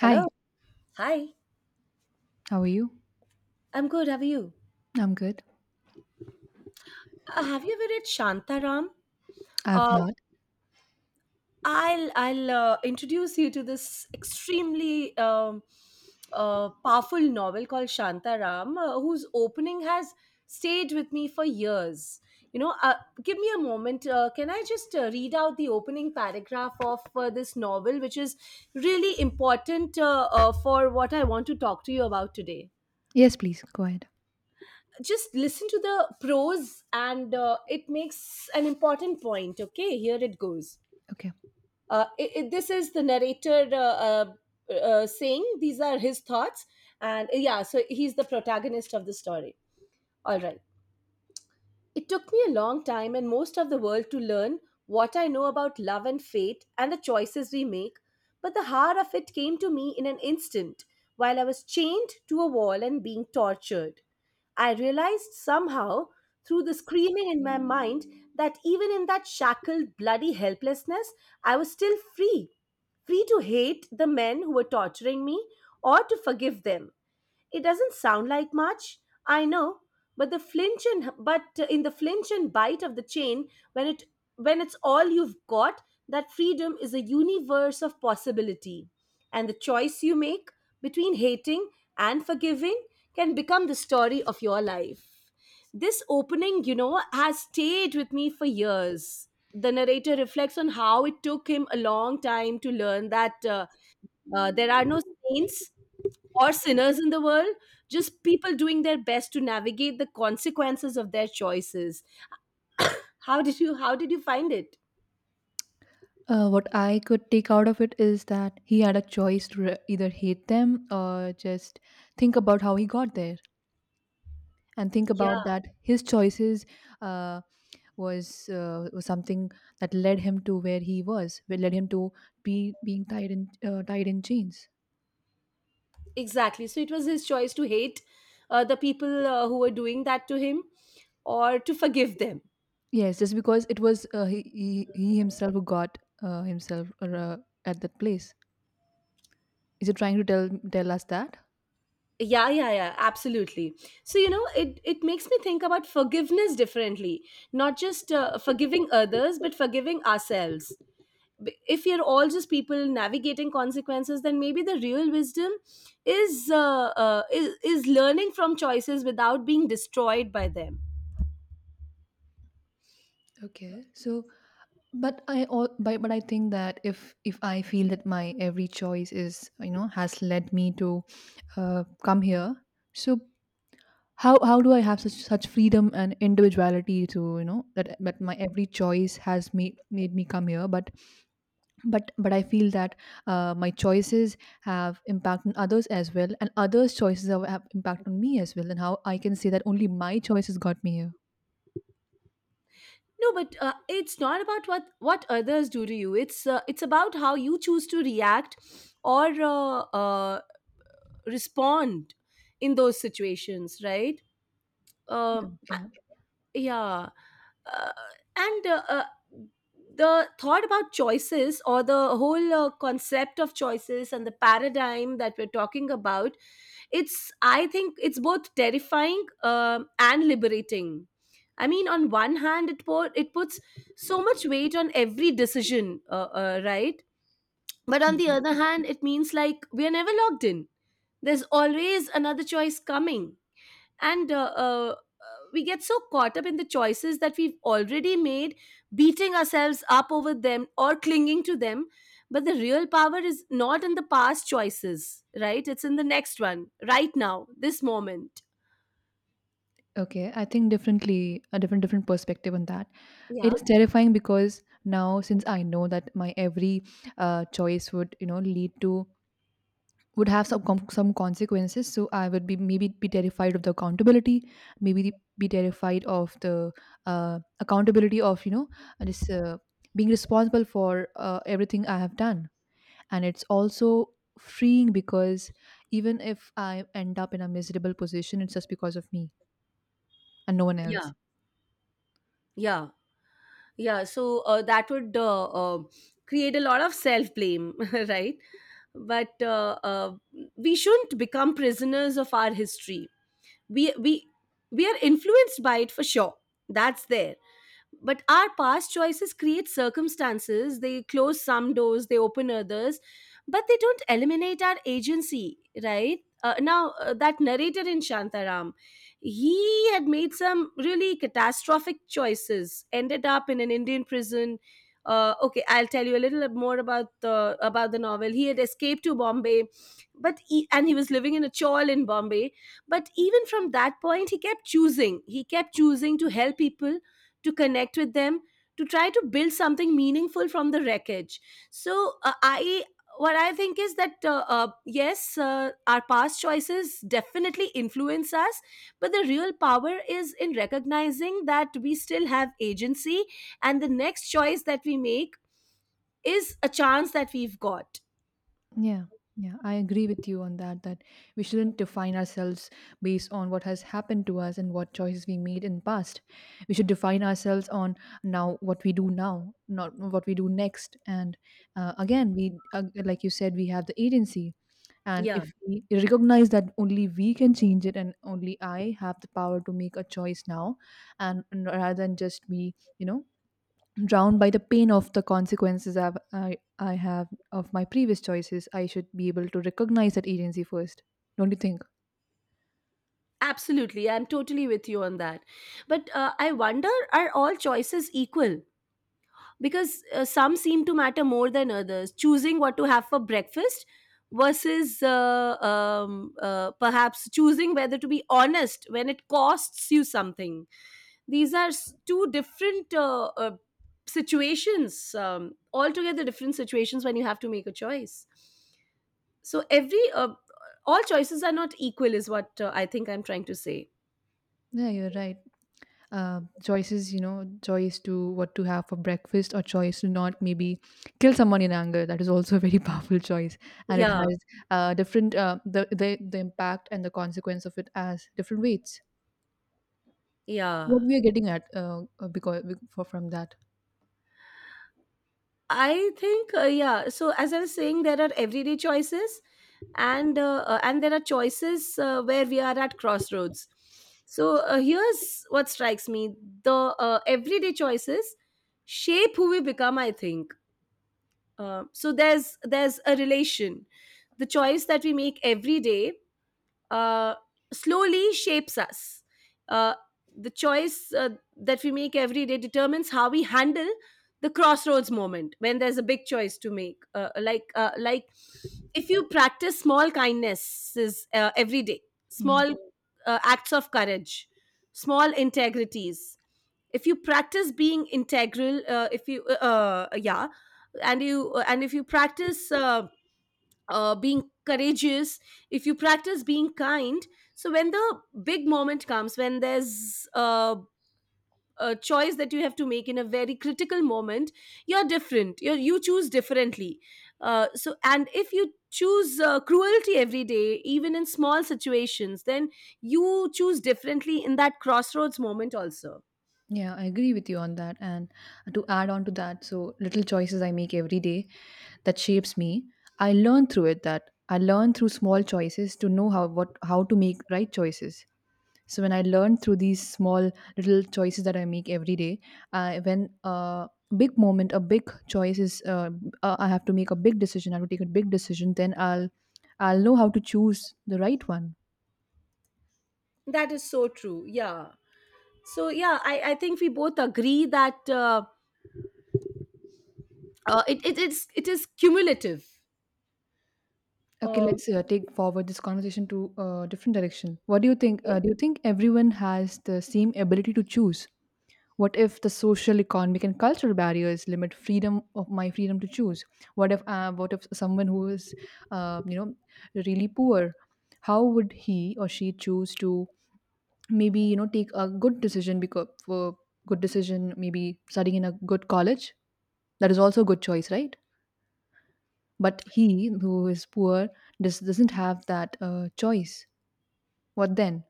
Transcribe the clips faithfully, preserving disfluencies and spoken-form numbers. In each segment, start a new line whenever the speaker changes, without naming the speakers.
Hello.
Hi,
Hi.
how are you?
I'm good. How are you?
I'm good.
Uh, have you ever read Shantaram?
I have
Uh,
not.
I'll I'll uh, introduce you to this extremely um, uh, powerful novel called Shantaram, uh, whose opening has stayed with me for years. You know, uh, Give me a moment. Uh, can I just uh, read out the opening paragraph of uh, this novel, which is really important uh, uh, for what I want to talk to you about today?
Yes, please go ahead.
Just listen to the pros and uh, it makes an important point. Okay, here it goes.
Okay.
Uh, it, it- this is the narrator, uh, uh, uh, saying these are his thoughts. And yeah, so he's the protagonist of the story. All right. It took me a long time and most of the world to learn what I know about love and fate and the choices we make, but the heart of it came to me in an instant while I was chained to a wall and being tortured. I realized somehow through the screaming in my mind that even in that shackled, bloody helplessness, I was still free. Free to hate the men who were torturing me or to forgive them. It doesn't sound like much, I know, but the flinch and but in the flinch and bite of the chain, when it when it's all you've got, that freedom is a universe of possibility, and the choice you make between hating and forgiving can become the story of your life. This opening you know has stayed with me for years. The narrator reflects on how it took him a long time to learn that uh, uh, there are no saints or sinners in the world, just people doing their best to navigate the consequences of their choices. How did you how did you find it?
Uh, what I could take out of it is that he had a choice to re- either hate them or just think about how he got there and think
Yeah,
about that his choices uh, was uh, was something that led him to where he was, that led him to be being tied in uh, tied in chains.
exactly. So it was his choice to hate uh, the people uh, who were doing that to him or to forgive them.
Yes, just because it was uh, he, he he himself who got uh, himself uh, at that place. Is he trying to tell tell us that?
Yeah, yeah, yeah, absolutely. So, you know, it, it makes me think about forgiveness differently, not just uh, forgiving others, but forgiving ourselves. B- if you're all just people navigating consequences, then maybe the real wisdom is uh, uh, is, is learning from choices without being destroyed by them.
Okay. So, but I all but, but I think that if if I feel that my every choice is, you know, has led me to uh, come here, so how how do I have such such freedom and individuality to, you know, that that my every choice has made made me come here, but but but I feel that uh, my choices have impact on others as well, and others' choices have, have impact on me as well, and how I can say that only my choices got me here?
No, but uh, it's not about what what others do to you. It's uh, it's about how you choose to react or uh, uh, respond in those situations, right? uh,
Yeah.
yeah. uh, and uh, uh, The thought about choices, or the whole uh, concept of choices and the paradigm that we're talking about, it's I think it's both terrifying um and liberating. I mean, on one hand, it po- it puts so much weight on every decision, uh, uh, right? But on the
Mhm.
other hand, it means like we are never locked in. There's always another choice coming. And uh, uh, we get so caught up in the choices that we've already made, beating ourselves up over them or clinging to them. But the real power is not in the past choices, right? It's in the next one, right now, this moment.
Okay, I think differently, a different different perspective on that. It
Yeah,
is terrifying because now, since I know that my every uh, choice would, you know, lead to, would have some com- some consequences, so I would be maybe be terrified of the accountability, maybe be terrified of the uh, accountability of, you know, this, uh, being responsible for uh, everything I have done. And it's also freeing, because even if I end up in a miserable position, it's just because of me and no one
yeah,
else.
yeah, yeah. So uh, that would uh, uh, create a lot of self blame right? But uh, uh, we shouldn't become prisoners of our history. we we we are influenced by it, for sure. That's there. But our past choices create circumstances. They close some doors, they open others. But they don't eliminate our agency, right? Uh, now, uh, that narrator in Shantaram, he had made some really catastrophic choices, ended up in an Indian prison. Uh, okay, I'll tell you a little bit more about the about the novel. He had escaped to Bombay, but he, and he was living in a chawl in Bombay. But even from that point, he kept choosing he kept choosing to help people, to connect with them, to try to build something meaningful from the wreckage. So uh, I what I think is that uh, uh, yes, uh, our past choices definitely influence us, but the real power is in recognizing that we still have agency, and the next choice that we make is a chance that we've got.
Yeah, yeah, I agree with you on that. That we shouldn't define ourselves based on what has happened to us and what choices we made in past. We should define ourselves on now what we do now, not what we do next. And uh, again, we uh, like you said, we have the agency. And
Yeah.
if we recognize that only we can change it, and only I have the power to make a choice now, and and rather than just me, you know, drowned by the pain of the consequences I've, I, I have of my previous choices, I should be able to recognize that agency first. Don't you think?
Absolutely, I'm totally with you on that. But uh, I wonder, are all choices equal? Because uh, some seem to matter more than others. Choosing what to have for breakfast versus uh, um, uh, perhaps choosing whether to be honest when it costs you something. These are s- two different uh, uh, situations, um, altogether different situations when you have to make a choice. So every uh, all choices are not equal is what uh, I think I'm trying to say.
Yeah, you're right. Uh, choices, you know, choice to what to have for breakfast, or choice to not maybe kill someone in anger, that is also a very powerful choice. And it
Yeah,
has uh, different, uh, the, the the impact and the consequence of it as different weights
yeah,
what we are getting at, uh, uh, because for, from that.
I think, uh, yeah so as I was saying, there are everyday choices, and uh, uh, and there are choices uh, where we are at crossroads. So uh, here's what strikes me. The uh, everyday choices shape who we become, I think. Uh, so there's there's a relation. The choice that we make every day uh, slowly shapes us. Uh, the choice uh, that we make every day determines how we handle the crossroads moment when there's a big choice to make. Uh, like uh, like if you practice small kindnesses uh, every day,
Yeah.
small uh, acts of courage, small integrities, if you practice being integral, uh, if you uh, uh, yeah and you, uh, and if you practice uh, uh, being courageous, if you practice being kind, so when the big moment comes, when there's uh, a choice that you have to make in a very critical moment, you're different. you you choose differently. Uh, so, and if you choose uh, cruelty every day, even in small situations, then you choose differently in that crossroads moment also.
Yeah, I agree with you on that. And to add on to that, so little choices I make every day, that shapes me. I learn through it that I learn through small choices to know how what how to make right choices. So when I learn through these small little choices that I make every day, uh, when a big moment, a big choice is, uh, uh, I have to make a big decision. I have to take a big decision. Then I'll, I'll know how to choose the right one.
That is so true. Yeah. So yeah, I, I think we both agree that uh, uh, it, it it's it is cumulative.
Okay,
Um,
let's uh, take forward this conversation to a different direction. What do you think?
Okay.
Uh, do you think everyone has the same ability to choose? What if the social, economic, and cultural barriers limit freedom of my freedom to choose? What if uh, what if someone who is, uh, you know, really poor, how would he or she choose to maybe, you know, take a good decision? Because for good decision maybe studying in a good college, that is also a good choice, right? But he who is poor does, doesn't have that uh, choice. What then?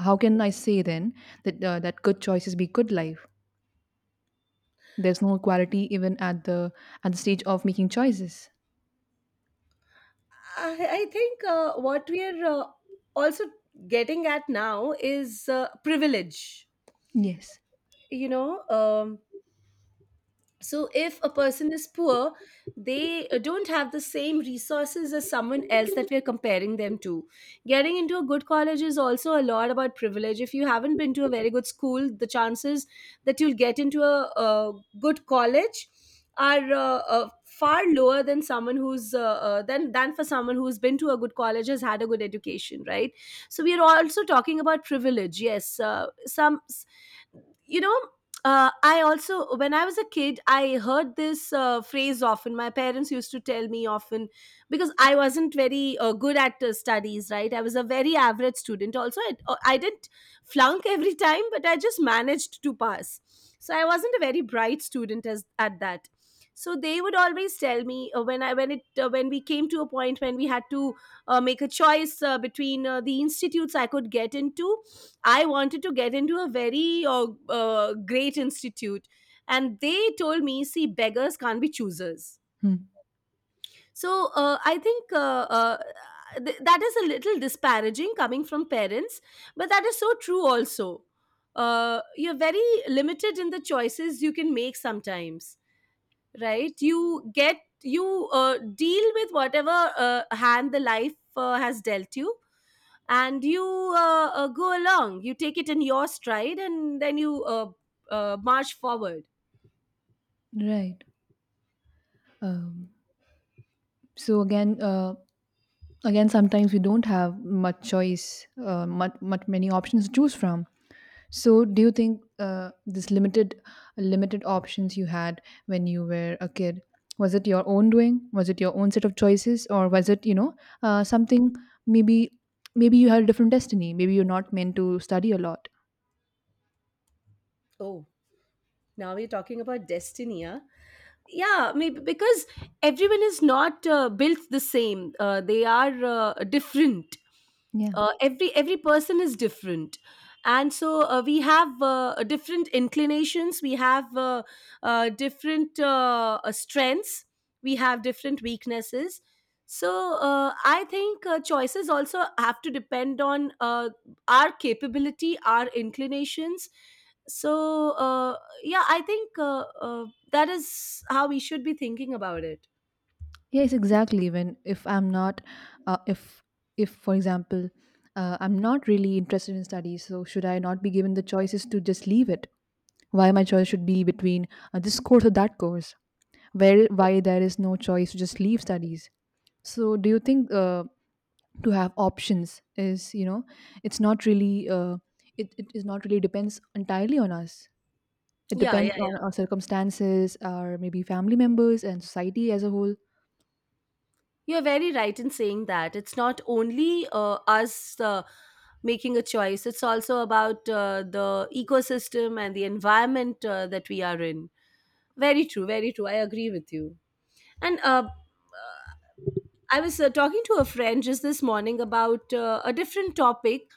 How can I say then that uh, that good choices be good life? There's no equality even at the at the stage of making choices.
I, I think uh, what we are uh, also getting at now is uh, privilege.
Yes.
You know, um, So if a person is poor, they uh, don't have the same resources as someone else that we're comparing them to. Getting into a good college is also a lot about privilege. If you haven't been to a very good school, the chances that you'll get into a, a good college are uh, uh, far lower than someone who's uh, uh, than than for someone who's been to a good college, has had a good education, right? So we are also talking about privilege. Yes, uh, some you know uh, I also, when I was a kid, I heard this uh, phrase often. My parents used to tell me often because I wasn't very uh, good at uh, studies, right? I was a very average student. Also, I, uh, I didn't flunk every time, but I just managed to pass. So I wasn't a very bright student as at that. So they would always tell me uh, when I when it uh, when we came to a point when we had to uh, make a choice uh, between uh, the institutes I could get into. I wanted to get into a very uh, uh, great institute. And they told me, see, beggars can't be choosers.
Hmm.
So uh, I think uh, uh, th- that is a little disparaging coming from parents, but that is so true also. Uh, you're very limited in the choices you can make sometimes, right? You get, you uh, deal with whatever uh, hand the life uh, has dealt you, and you uh, uh, go along. You take it in your stride, and then you uh, uh, march forward.
Right. Um, so again, uh, again, sometimes we don't have much choice, uh, much, much many options to choose from. So, do you think uh, this limited, limited options you had when you were a kid, was it your own doing? Was it your own set of choices, or was it, you know, uh, something, maybe, maybe you had a different destiny? Maybe you're not meant to study a lot.
Oh, now we're talking about destiny, huh? Yeah, maybe. Because everyone is not uh, built the same, uh, they are uh, different. uh, every every person is different. And so uh, we have uh, different inclinations, we have uh, uh, different uh, uh, strengths, we have different weaknesses. So uh, I think uh, choices also have to depend on uh, our capability, our inclinations. So uh, yeah, I think uh, uh, that is how we should be thinking about it.
Yes, exactly. Even if I'm not, uh, if if for example, uh, I'm not really interested in studies, so should I not be given the choices to just leave it? Why my choice should be between uh, this course or that course? Where why there is no choice to just leave studies? So do you think uh, to have options is, you know, it's not really uh, it it is not really depends entirely on us. It
Yeah, yeah,
depends on
yeah.
our circumstances, our maybe family members and society as a whole.
You're very right in saying that it's not only uh, us uh, making a choice. It's also about uh, the ecosystem and the environment uh, that we are in. Very true, very true. I agree with you. And uh, I was uh, talking to a friend just this morning about uh, a different topic,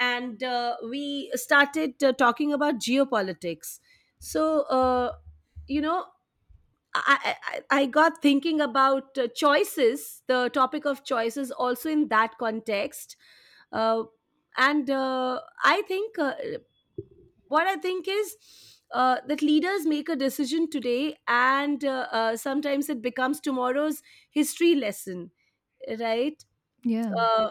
and uh, we started uh, talking about geopolitics. So, uh, you know, I, I, I I got thinking about uh, choices, the topic of choices, also in that context. Uh, and uh, I think uh, what I think is, uh, that leaders make a decision today, and uh, uh, sometimes it becomes tomorrow's history lesson, right?
Yeah,
uh,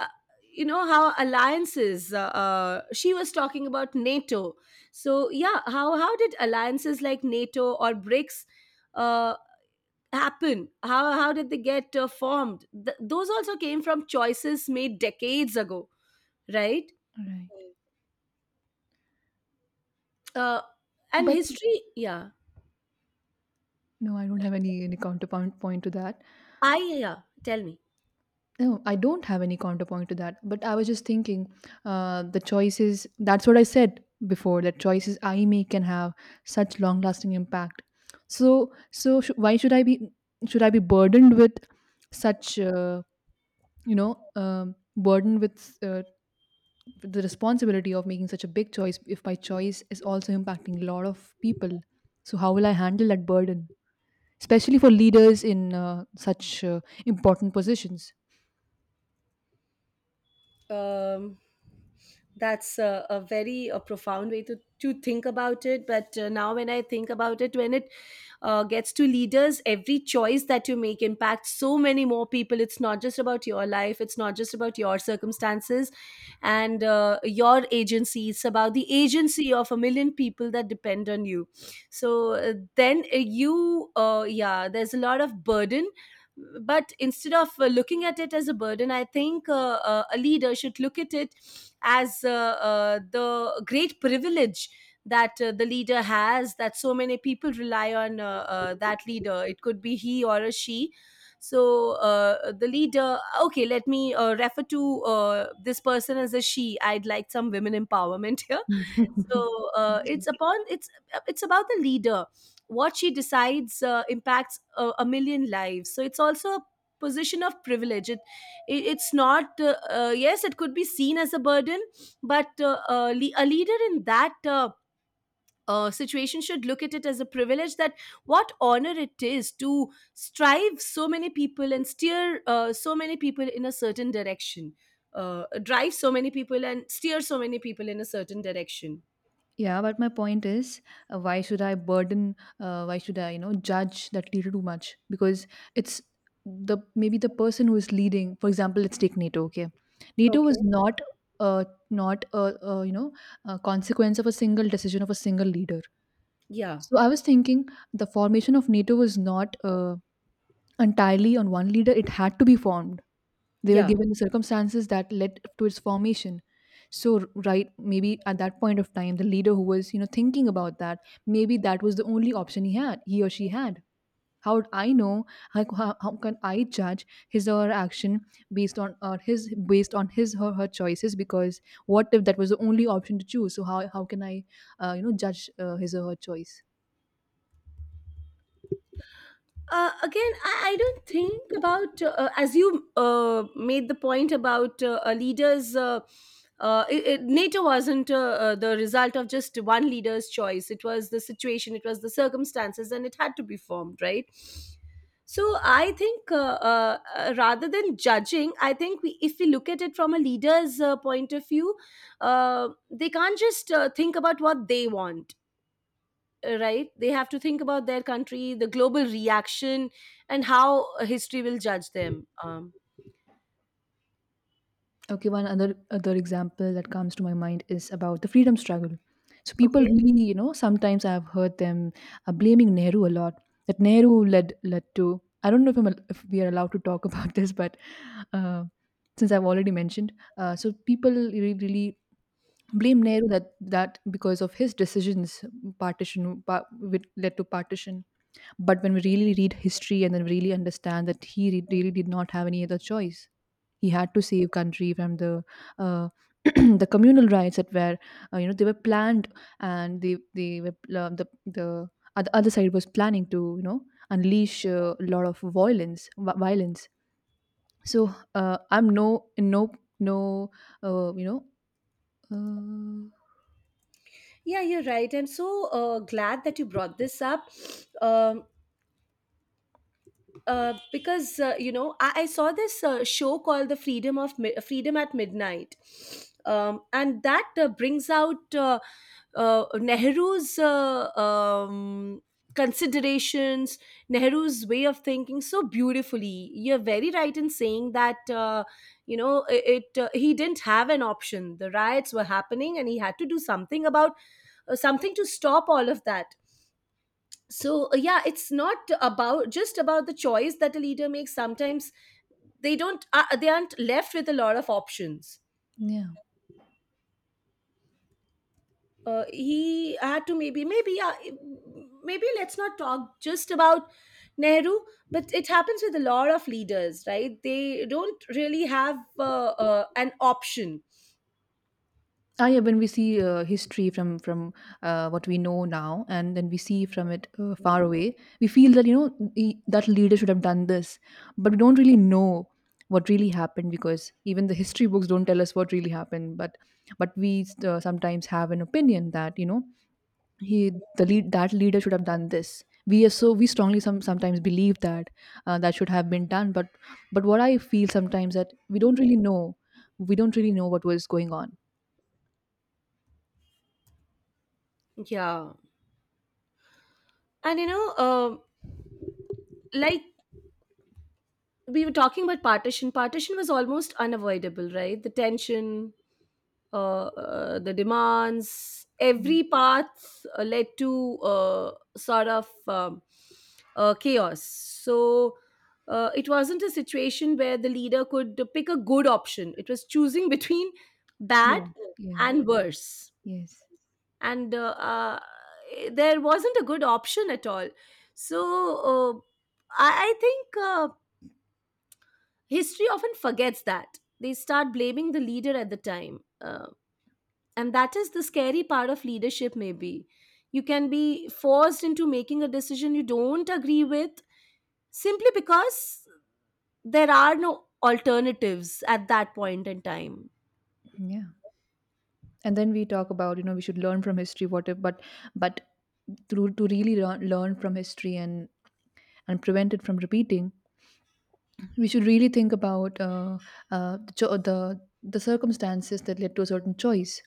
uh, you know how alliances, uh, uh, she was talking about NATO. So yeah, how how did alliances like NATO or BRICS uh, happen? How how did they get uh, formed? Th- those also came from choices made decades ago, right?
right.
uh, and history, yeah.
No, I don't have any any counterpoint point to that.
I Yeah, tell me.
No, I don't have any counterpoint to that. But I was just thinking, uh, the choices. That's what I said before. That choices I make can have such long lasting impact. So, so sh- why should I be, should I be burdened with such, uh, you know um, burdened with uh, the responsibility of making such a big choice if my choice is also impacting a lot of people? So how will I handle that burden? Especially for leaders in uh, such uh, important positions.
Um, that's a, a very a profound way to, to think about it. But uh, now, when I think about it, when it uh, gets to leaders, every choice that you make impacts so many more people. It's not just about your life, it's not just about your circumstances and uh, your agency. It's about the agency of a million people that depend on you. So uh, then uh, you, uh, yeah, there's a lot of burden. But instead of uh, looking at it as a burden, i think uh, uh, a leader should look at it as uh, uh, the great privilege that uh, the leader has, that so many people rely on, uh, uh, that leader. It could be he or a she. So uh, the leader, okay, let me uh, refer to uh, this person as a she. I'd like some women empowerment here.
Mhm.
So uh, it's upon it's it's about the leader. What she decides uh, impacts a, a million lives, so it's also a position of privilege. It, it it's not uh, uh, yes, it could be seen as a burden, but uh, uh, le- a leader in that uh, uh, situation should look at it as a privilege. That, what honor it is to strive so many people and steer uh, so many people in a certain direction. Uh, drive so many people and steer so many people in a certain direction.
Yeah, but my point is, uh, why should I burden? Uh, why should I, you know, judge that leader too much? Because it's the maybe the person who is leading. For example, let's take NATO. Okay, NATO was
Okay.
not uh, not a, a, you know, a consequence of a single decision of a single leader.
Yeah,
So I was thinking the formation of NATO was not uh, entirely on one leader. It had to be formed. They were
yeah.
given the circumstances that led to its formation. So r- right, maybe at that point of time, the leader who was, you know, thinking about that, maybe that was the only option he had, he or she had. How would I know? How, how, how can I judge his or her action based on or his based on his or her choices? Because what if that was the only option to choose? So how how can I uh, you know judge uh, his or her choice?
Uh, again, I, I don't think about, uh, uh, as you uh, made the point about uh, a leaders. Uh, uh, it, it- NATO wasn't, uh, uh, the result of just one leader's choice. It was the situation, it was the circumstances, and it had to be formed, right? So I think, uh, uh, uh, rather than judging, I think, we, if we look at it from a leader's uh, point of view, uh, they can't just uh, think about what they want, uh, right? They have to think about their country, the global reaction, and how uh, history will judge them. Um,
Okay, one other other example that comes to my mind is about the freedom struggle. So people
okay,
really, you know, sometimes I've heard them uh, blaming Nehru a lot. That Nehru led led to. I don't know if I'm al- if we are allowed to talk about this, but uh, since I've already mentioned, uh, so people really, really blame Nehru that that because of his decisions, partition pa- which led to partition. But when we really read history and then really understand that he re- really did not have any other choice, he had to save country from the uh, the communal riots that were uh, you know, they were planned, and they they were pl- uh, the the other other side was planning to, you know, unleash uh, a lot of violence vi- violence. So uh, I'm no in no no uh, you know uh,
yeah, you're right. I'm so uh, glad that you brought this up. um, uh, because uh, you know, I, I saw this uh, show called the freedom of Mi- Freedom at Midnight. Um, and that uh, brings out, uh, uh, nehru's uh, um, considerations Nehru's way of thinking, so beautifully. You're very right in saying that, uh, you know, i- it, uh, he didn't have an option. The riots were happening and he had to do something about, uh, something to stop all of that. So uh, yeah, it's not about, just about the choice that a leader makes. Sometimes they don't uh, they aren't left with a lot of options.
yeah.
Uh, he had to, maybe maybe yeah, maybe let's not talk just about Nehru, but it happens with a lot of leaders, right? They don't really have uh, uh, an option.
Ah, yeah, when we see uh, history from from uh, what we know now, and then we see from it uh, far away, we feel that, you know, the, that leader should have done this, but we don't really know what really happened, because even the history books don't tell us what really happened. But but we uh, sometimes have an opinion that, you know, he the lead that leader should have done this. We are so we strongly some sometimes believe that uh, that should have been done, but but what I feel sometimes that we don't really know, we don't really know what was going on.
Yeah. And you know, um like, we were talking about partition. Partition was almost unavoidable, right? The tension, uh, uh, the demands, every path uh, led to uh, sort of um, uh, chaos. So uh, it wasn't a situation where the leader could pick a good option. It was choosing between bad
Yeah. Yeah.
and worse.
Yes.
And uh, uh, there wasn't a good option at all. So uh, I, I think uh, history often forgets that. They start blaming the leader at the time. Uh, and that is the scary part of leadership. Maybe you can be forced into making a decision you don't agree with simply because there are no alternatives at that point in time.
Yeah. And then we talk about, you know, we should learn from history, what if, but, but to, to really learn, learn from history and, and prevent it from repeating, we should really think about uh, uh, the, cho- the, the circumstances that led to a certain choice,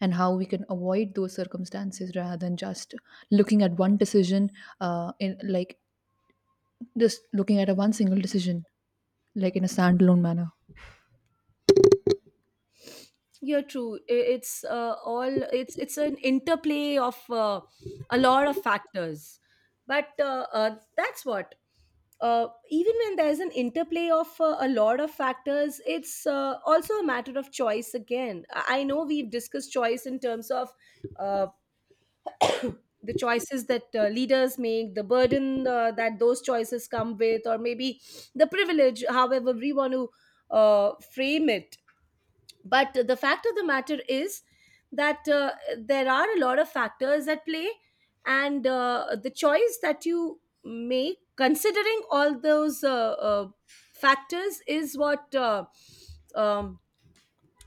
and how we can avoid those circumstances rather than just looking at one decision, uh, in like just looking at a one single decision, like in a standalone manner.
You're true. I- it's uh, all, it's it's an interplay of uh, a lot of factors. But uh, uh, that's what, uh, even when there's an interplay of uh, a lot of factors, it's uh, also a matter of choice again. I I know we've discussed choice in terms of, uh, the choices that uh, leaders make, the burden uh, that those choices come with, or maybe the privilege, however we want to uh, frame it. But the fact of the matter is that, uh, there are a lot of factors at play, and uh, the choice that you make considering all those uh, uh, factors is what uh, um,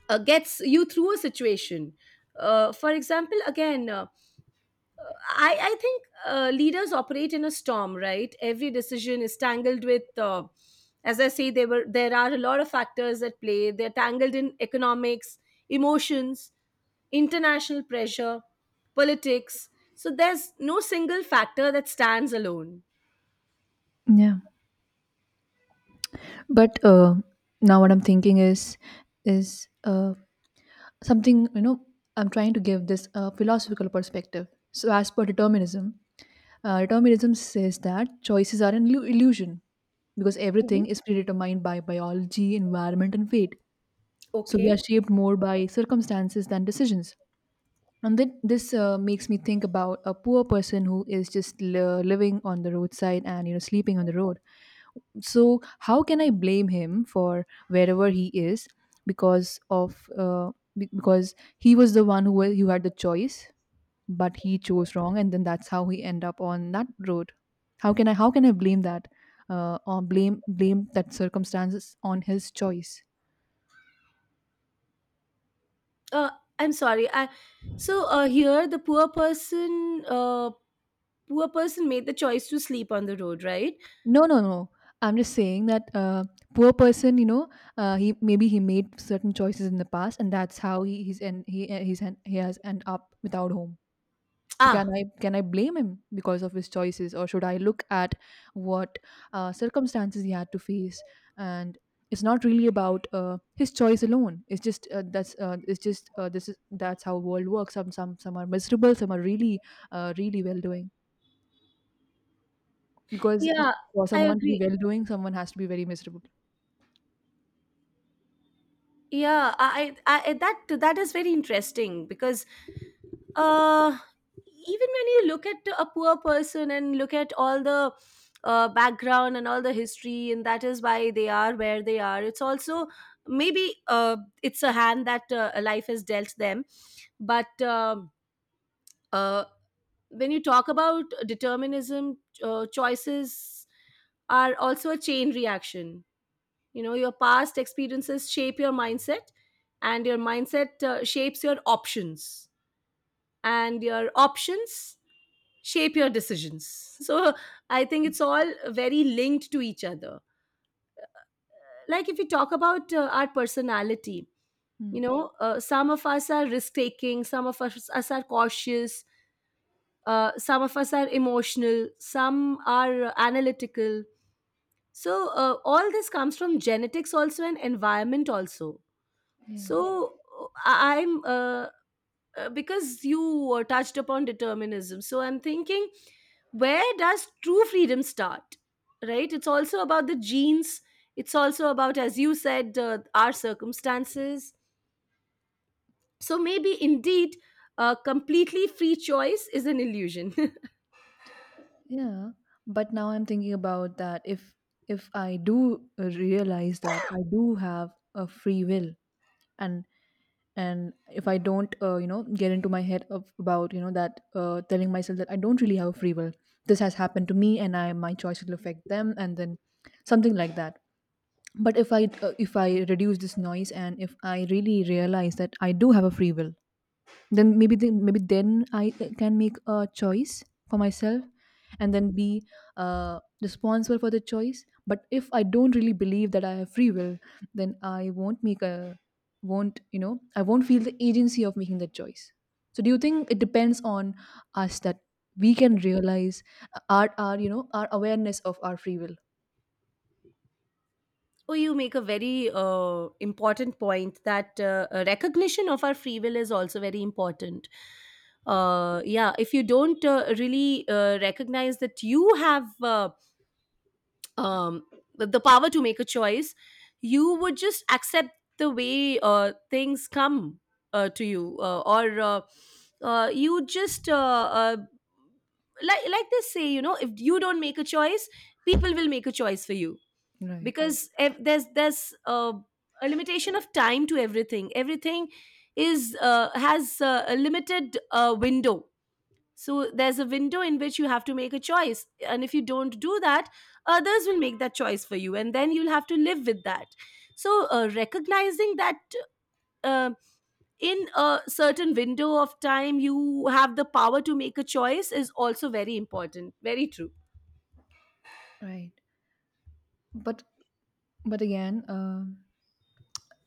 uh, gets you through a situation. Uh, for example, again, uh, I, I think uh, leaders operate in a storm, right? Every decision is tangled with, uh, as I say, there were there are a lot of factors at play. They're tangled in economics, emotions, international pressure, politics. So there's no single factor that stands alone.
Yeah. But uh, now what I'm thinking is, is, uh, something you know I'm trying to give this uh, philosophical perspective. So as per determinism, uh, determinism says that choices are an illu- illusion, because
Mhm.
everything is predetermined by biology, environment and fate. So we are
Okay.
shaped more by circumstances than decisions. And then this uh, makes me think about a poor person who is just li- living on the roadside and you know sleeping on the road. So how can I blame him for wherever he is? Because of uh, be- because he was the one who wa- who had the choice, but he chose wrong and then that's how he end up on that road. How can I how can i blame that, uh, or blame blame that circumstances on his choice?
Uh, I'm sorry. I So uh, here, the poor person, uh, poor person made the choice to sleep on the road, right?
No, no, no, I'm just saying that uh, poor person, you know uh, he maybe he made certain choices in the past and that's how he he's and he uh, he's en- he has end up without home. So
Ah.
can I can i blame him because of his choices, or should I look at what uh, circumstances he had to face? And it's not really about uh, his choice alone. It's just uh, that's uh, it's just uh, this is that's how world works. Some some some are miserable, some are really uh, really well doing. Because
Yeah,
for
I
someone to be
agree.
well doing, someone has to be very miserable.
Yeah, I, I, I that that is very interesting because uh, even when you look at a poor person and look at all the uh, background and all the history, and that is why they are where they are. It's also maybe, uh, it's a hand that uh, life has dealt them, but um uh, when you talk about determinism, uh, choices are also a chain reaction. You know, your past experiences shape your mindset, and your mindset uh, shapes your options, and your options shape your decisions. So i think it's all very linked to each other. Like if we talk about uh, our personality, you
Mm,
know, uh, some of us are risk taking, some of us, us are cautious, uh, some of us are emotional, some are uh, analytical. So uh, all this comes from genetics also and environment also.
yeah,
So uh, I- I'm uh, uh, because you uh, touched upon determinism, so i'm thinking, where does true freedom start? Right, it's also about the genes. It's also about, as you said, uh, our circumstances. So maybe indeed, uh, completely free choice is an illusion.
yeah. But now I'm thinking about that, if if I do realize that I do have a free will, and and if I don't, uh, you know, get into my head of, about you know that uh, telling myself that I don't really have a free will. This has happened to me, and I my choice will affect them, and then something like that. But if i uh, if I reduce this noise and if I really realize that I do have a free will, then maybe then, maybe then I uh, can make a choice for myself and then be uh, responsible for the choice. But if I don't really believe that I have free will, then I won't make a won't you know I won't feel the agency of making that choice. So do you think it depends on us that we can realize uh, our our you know our awareness of our free will?
Oh, you make a very uh, important point, that uh, a recognition of our free will is also very important. Uh, yeah, if you don't uh, really uh, recognize that you have, uh, um the power to make a choice, you would just accept the way uh things come uh, to you, uh, or uh, uh, you just, uh, uh, like like they say, you know, if you don't make a choice, people will make a choice for you.
Right.
Because ev- there's there's uh, a limitation of time to everything. Everything is uh, has uh, a limited uh, window. So there's a window in which you have to make a choice. And if you don't do that, others will make that choice for you. And then you'll have to live with that. So uh, recognizing that, uh, in a certain window of time, you have the power to make a choice is also very important. Very true.
Right. but But again, uh,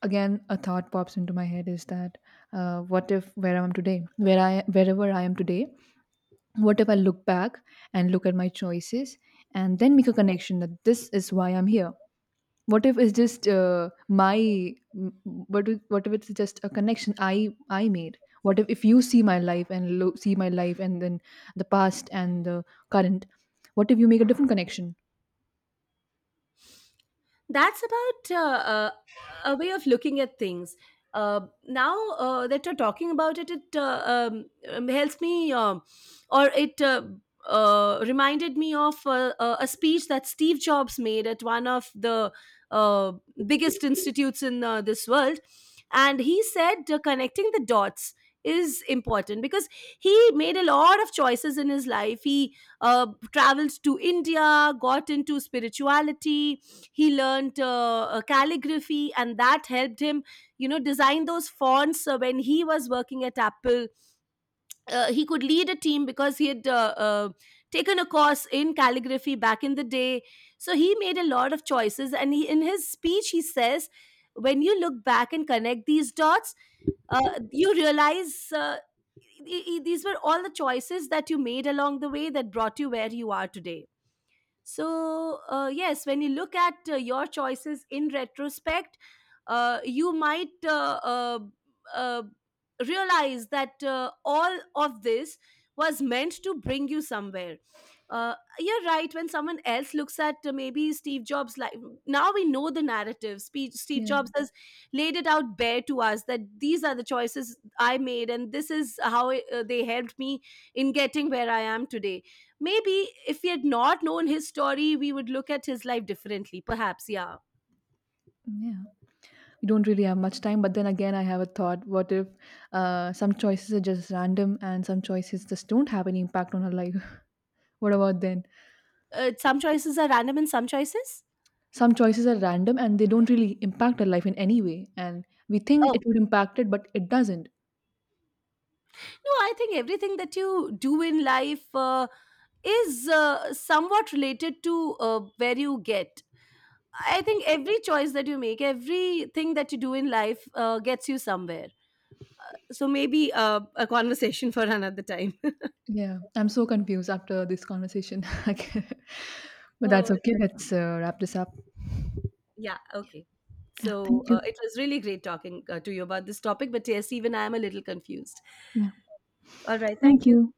again, a thought pops into my head is that, uh, what if where I am today, where I wherever I am today, what if I look back and look at my choices and then make a connection that this is why I'm here? What if it's just uh, my m- what if, what if it's just a connection I I made? What if if you see my life and lo- see my life and then the past and the current, what if you make a different connection?
That's about uh, uh, a way of looking at things. Uh, now uh, that you're talking about it, it uh, um, um, helps me, um, or it uh, uh, reminded me of uh, uh, a speech that Steve Jobs made at one of the uh, biggest institutes in uh, this world. And he said, uh, connecting the dots is important, because he made a lot of choices in his life. He uh, traveled to India, got into spirituality, he learned uh, uh, calligraphy, and that helped him, you know, design those fonts uh, when he was working at Apple. Uh, he could lead a team because he had uh, uh, taken a course in calligraphy back in the day. So he made a lot of choices, and he, in his speech he says, when you look back and connect these dots, uh, you realize, uh, e- e- these were all the choices that you made along the way that brought you where you are today. So, uh, yes, when you look at uh, your choices in retrospect, uh, you might, uh, uh, uh, realize that uh, all of this was meant to bring you somewhere. Uh, you're right. When someone else looks at, uh, maybe Steve Jobs' life, now we know the narrative. Spe- Steve
Yeah,
Jobs has laid it out bare to us, that these are the choices I made, and this is how it, uh, they helped me in getting where I am today. Maybe if we had not known his story, we would look at his life differently. Perhaps, yeah.
yeah. You don't really have much time, but then again I have a thought, what if uh, some choices are just random and some choices just don't have any impact on her life? What about then?
Uh, some choices are random and some choices.
Some choices are random and they don't really impact our life in any way, and we think
Oh,
it would impact it but it doesn't.
no, I think everything that you do in life uh, is uh, somewhat related to uh, where you get. I think every choice that you make, everything that you do in life uh, gets you somewhere. So maybe uh, a conversation for another time.
Yeah, I'm so confused after this conversation. I can't- but
Oh,
that's okay, let's uh, wrap this up.
yeah. Okay.
Yeah,
So
thank
uh,
you.
it was really great talking uh, to you about this topic, but yes, even I am a little confused.
Yeah.
All right. Thank
Thank
you.
you.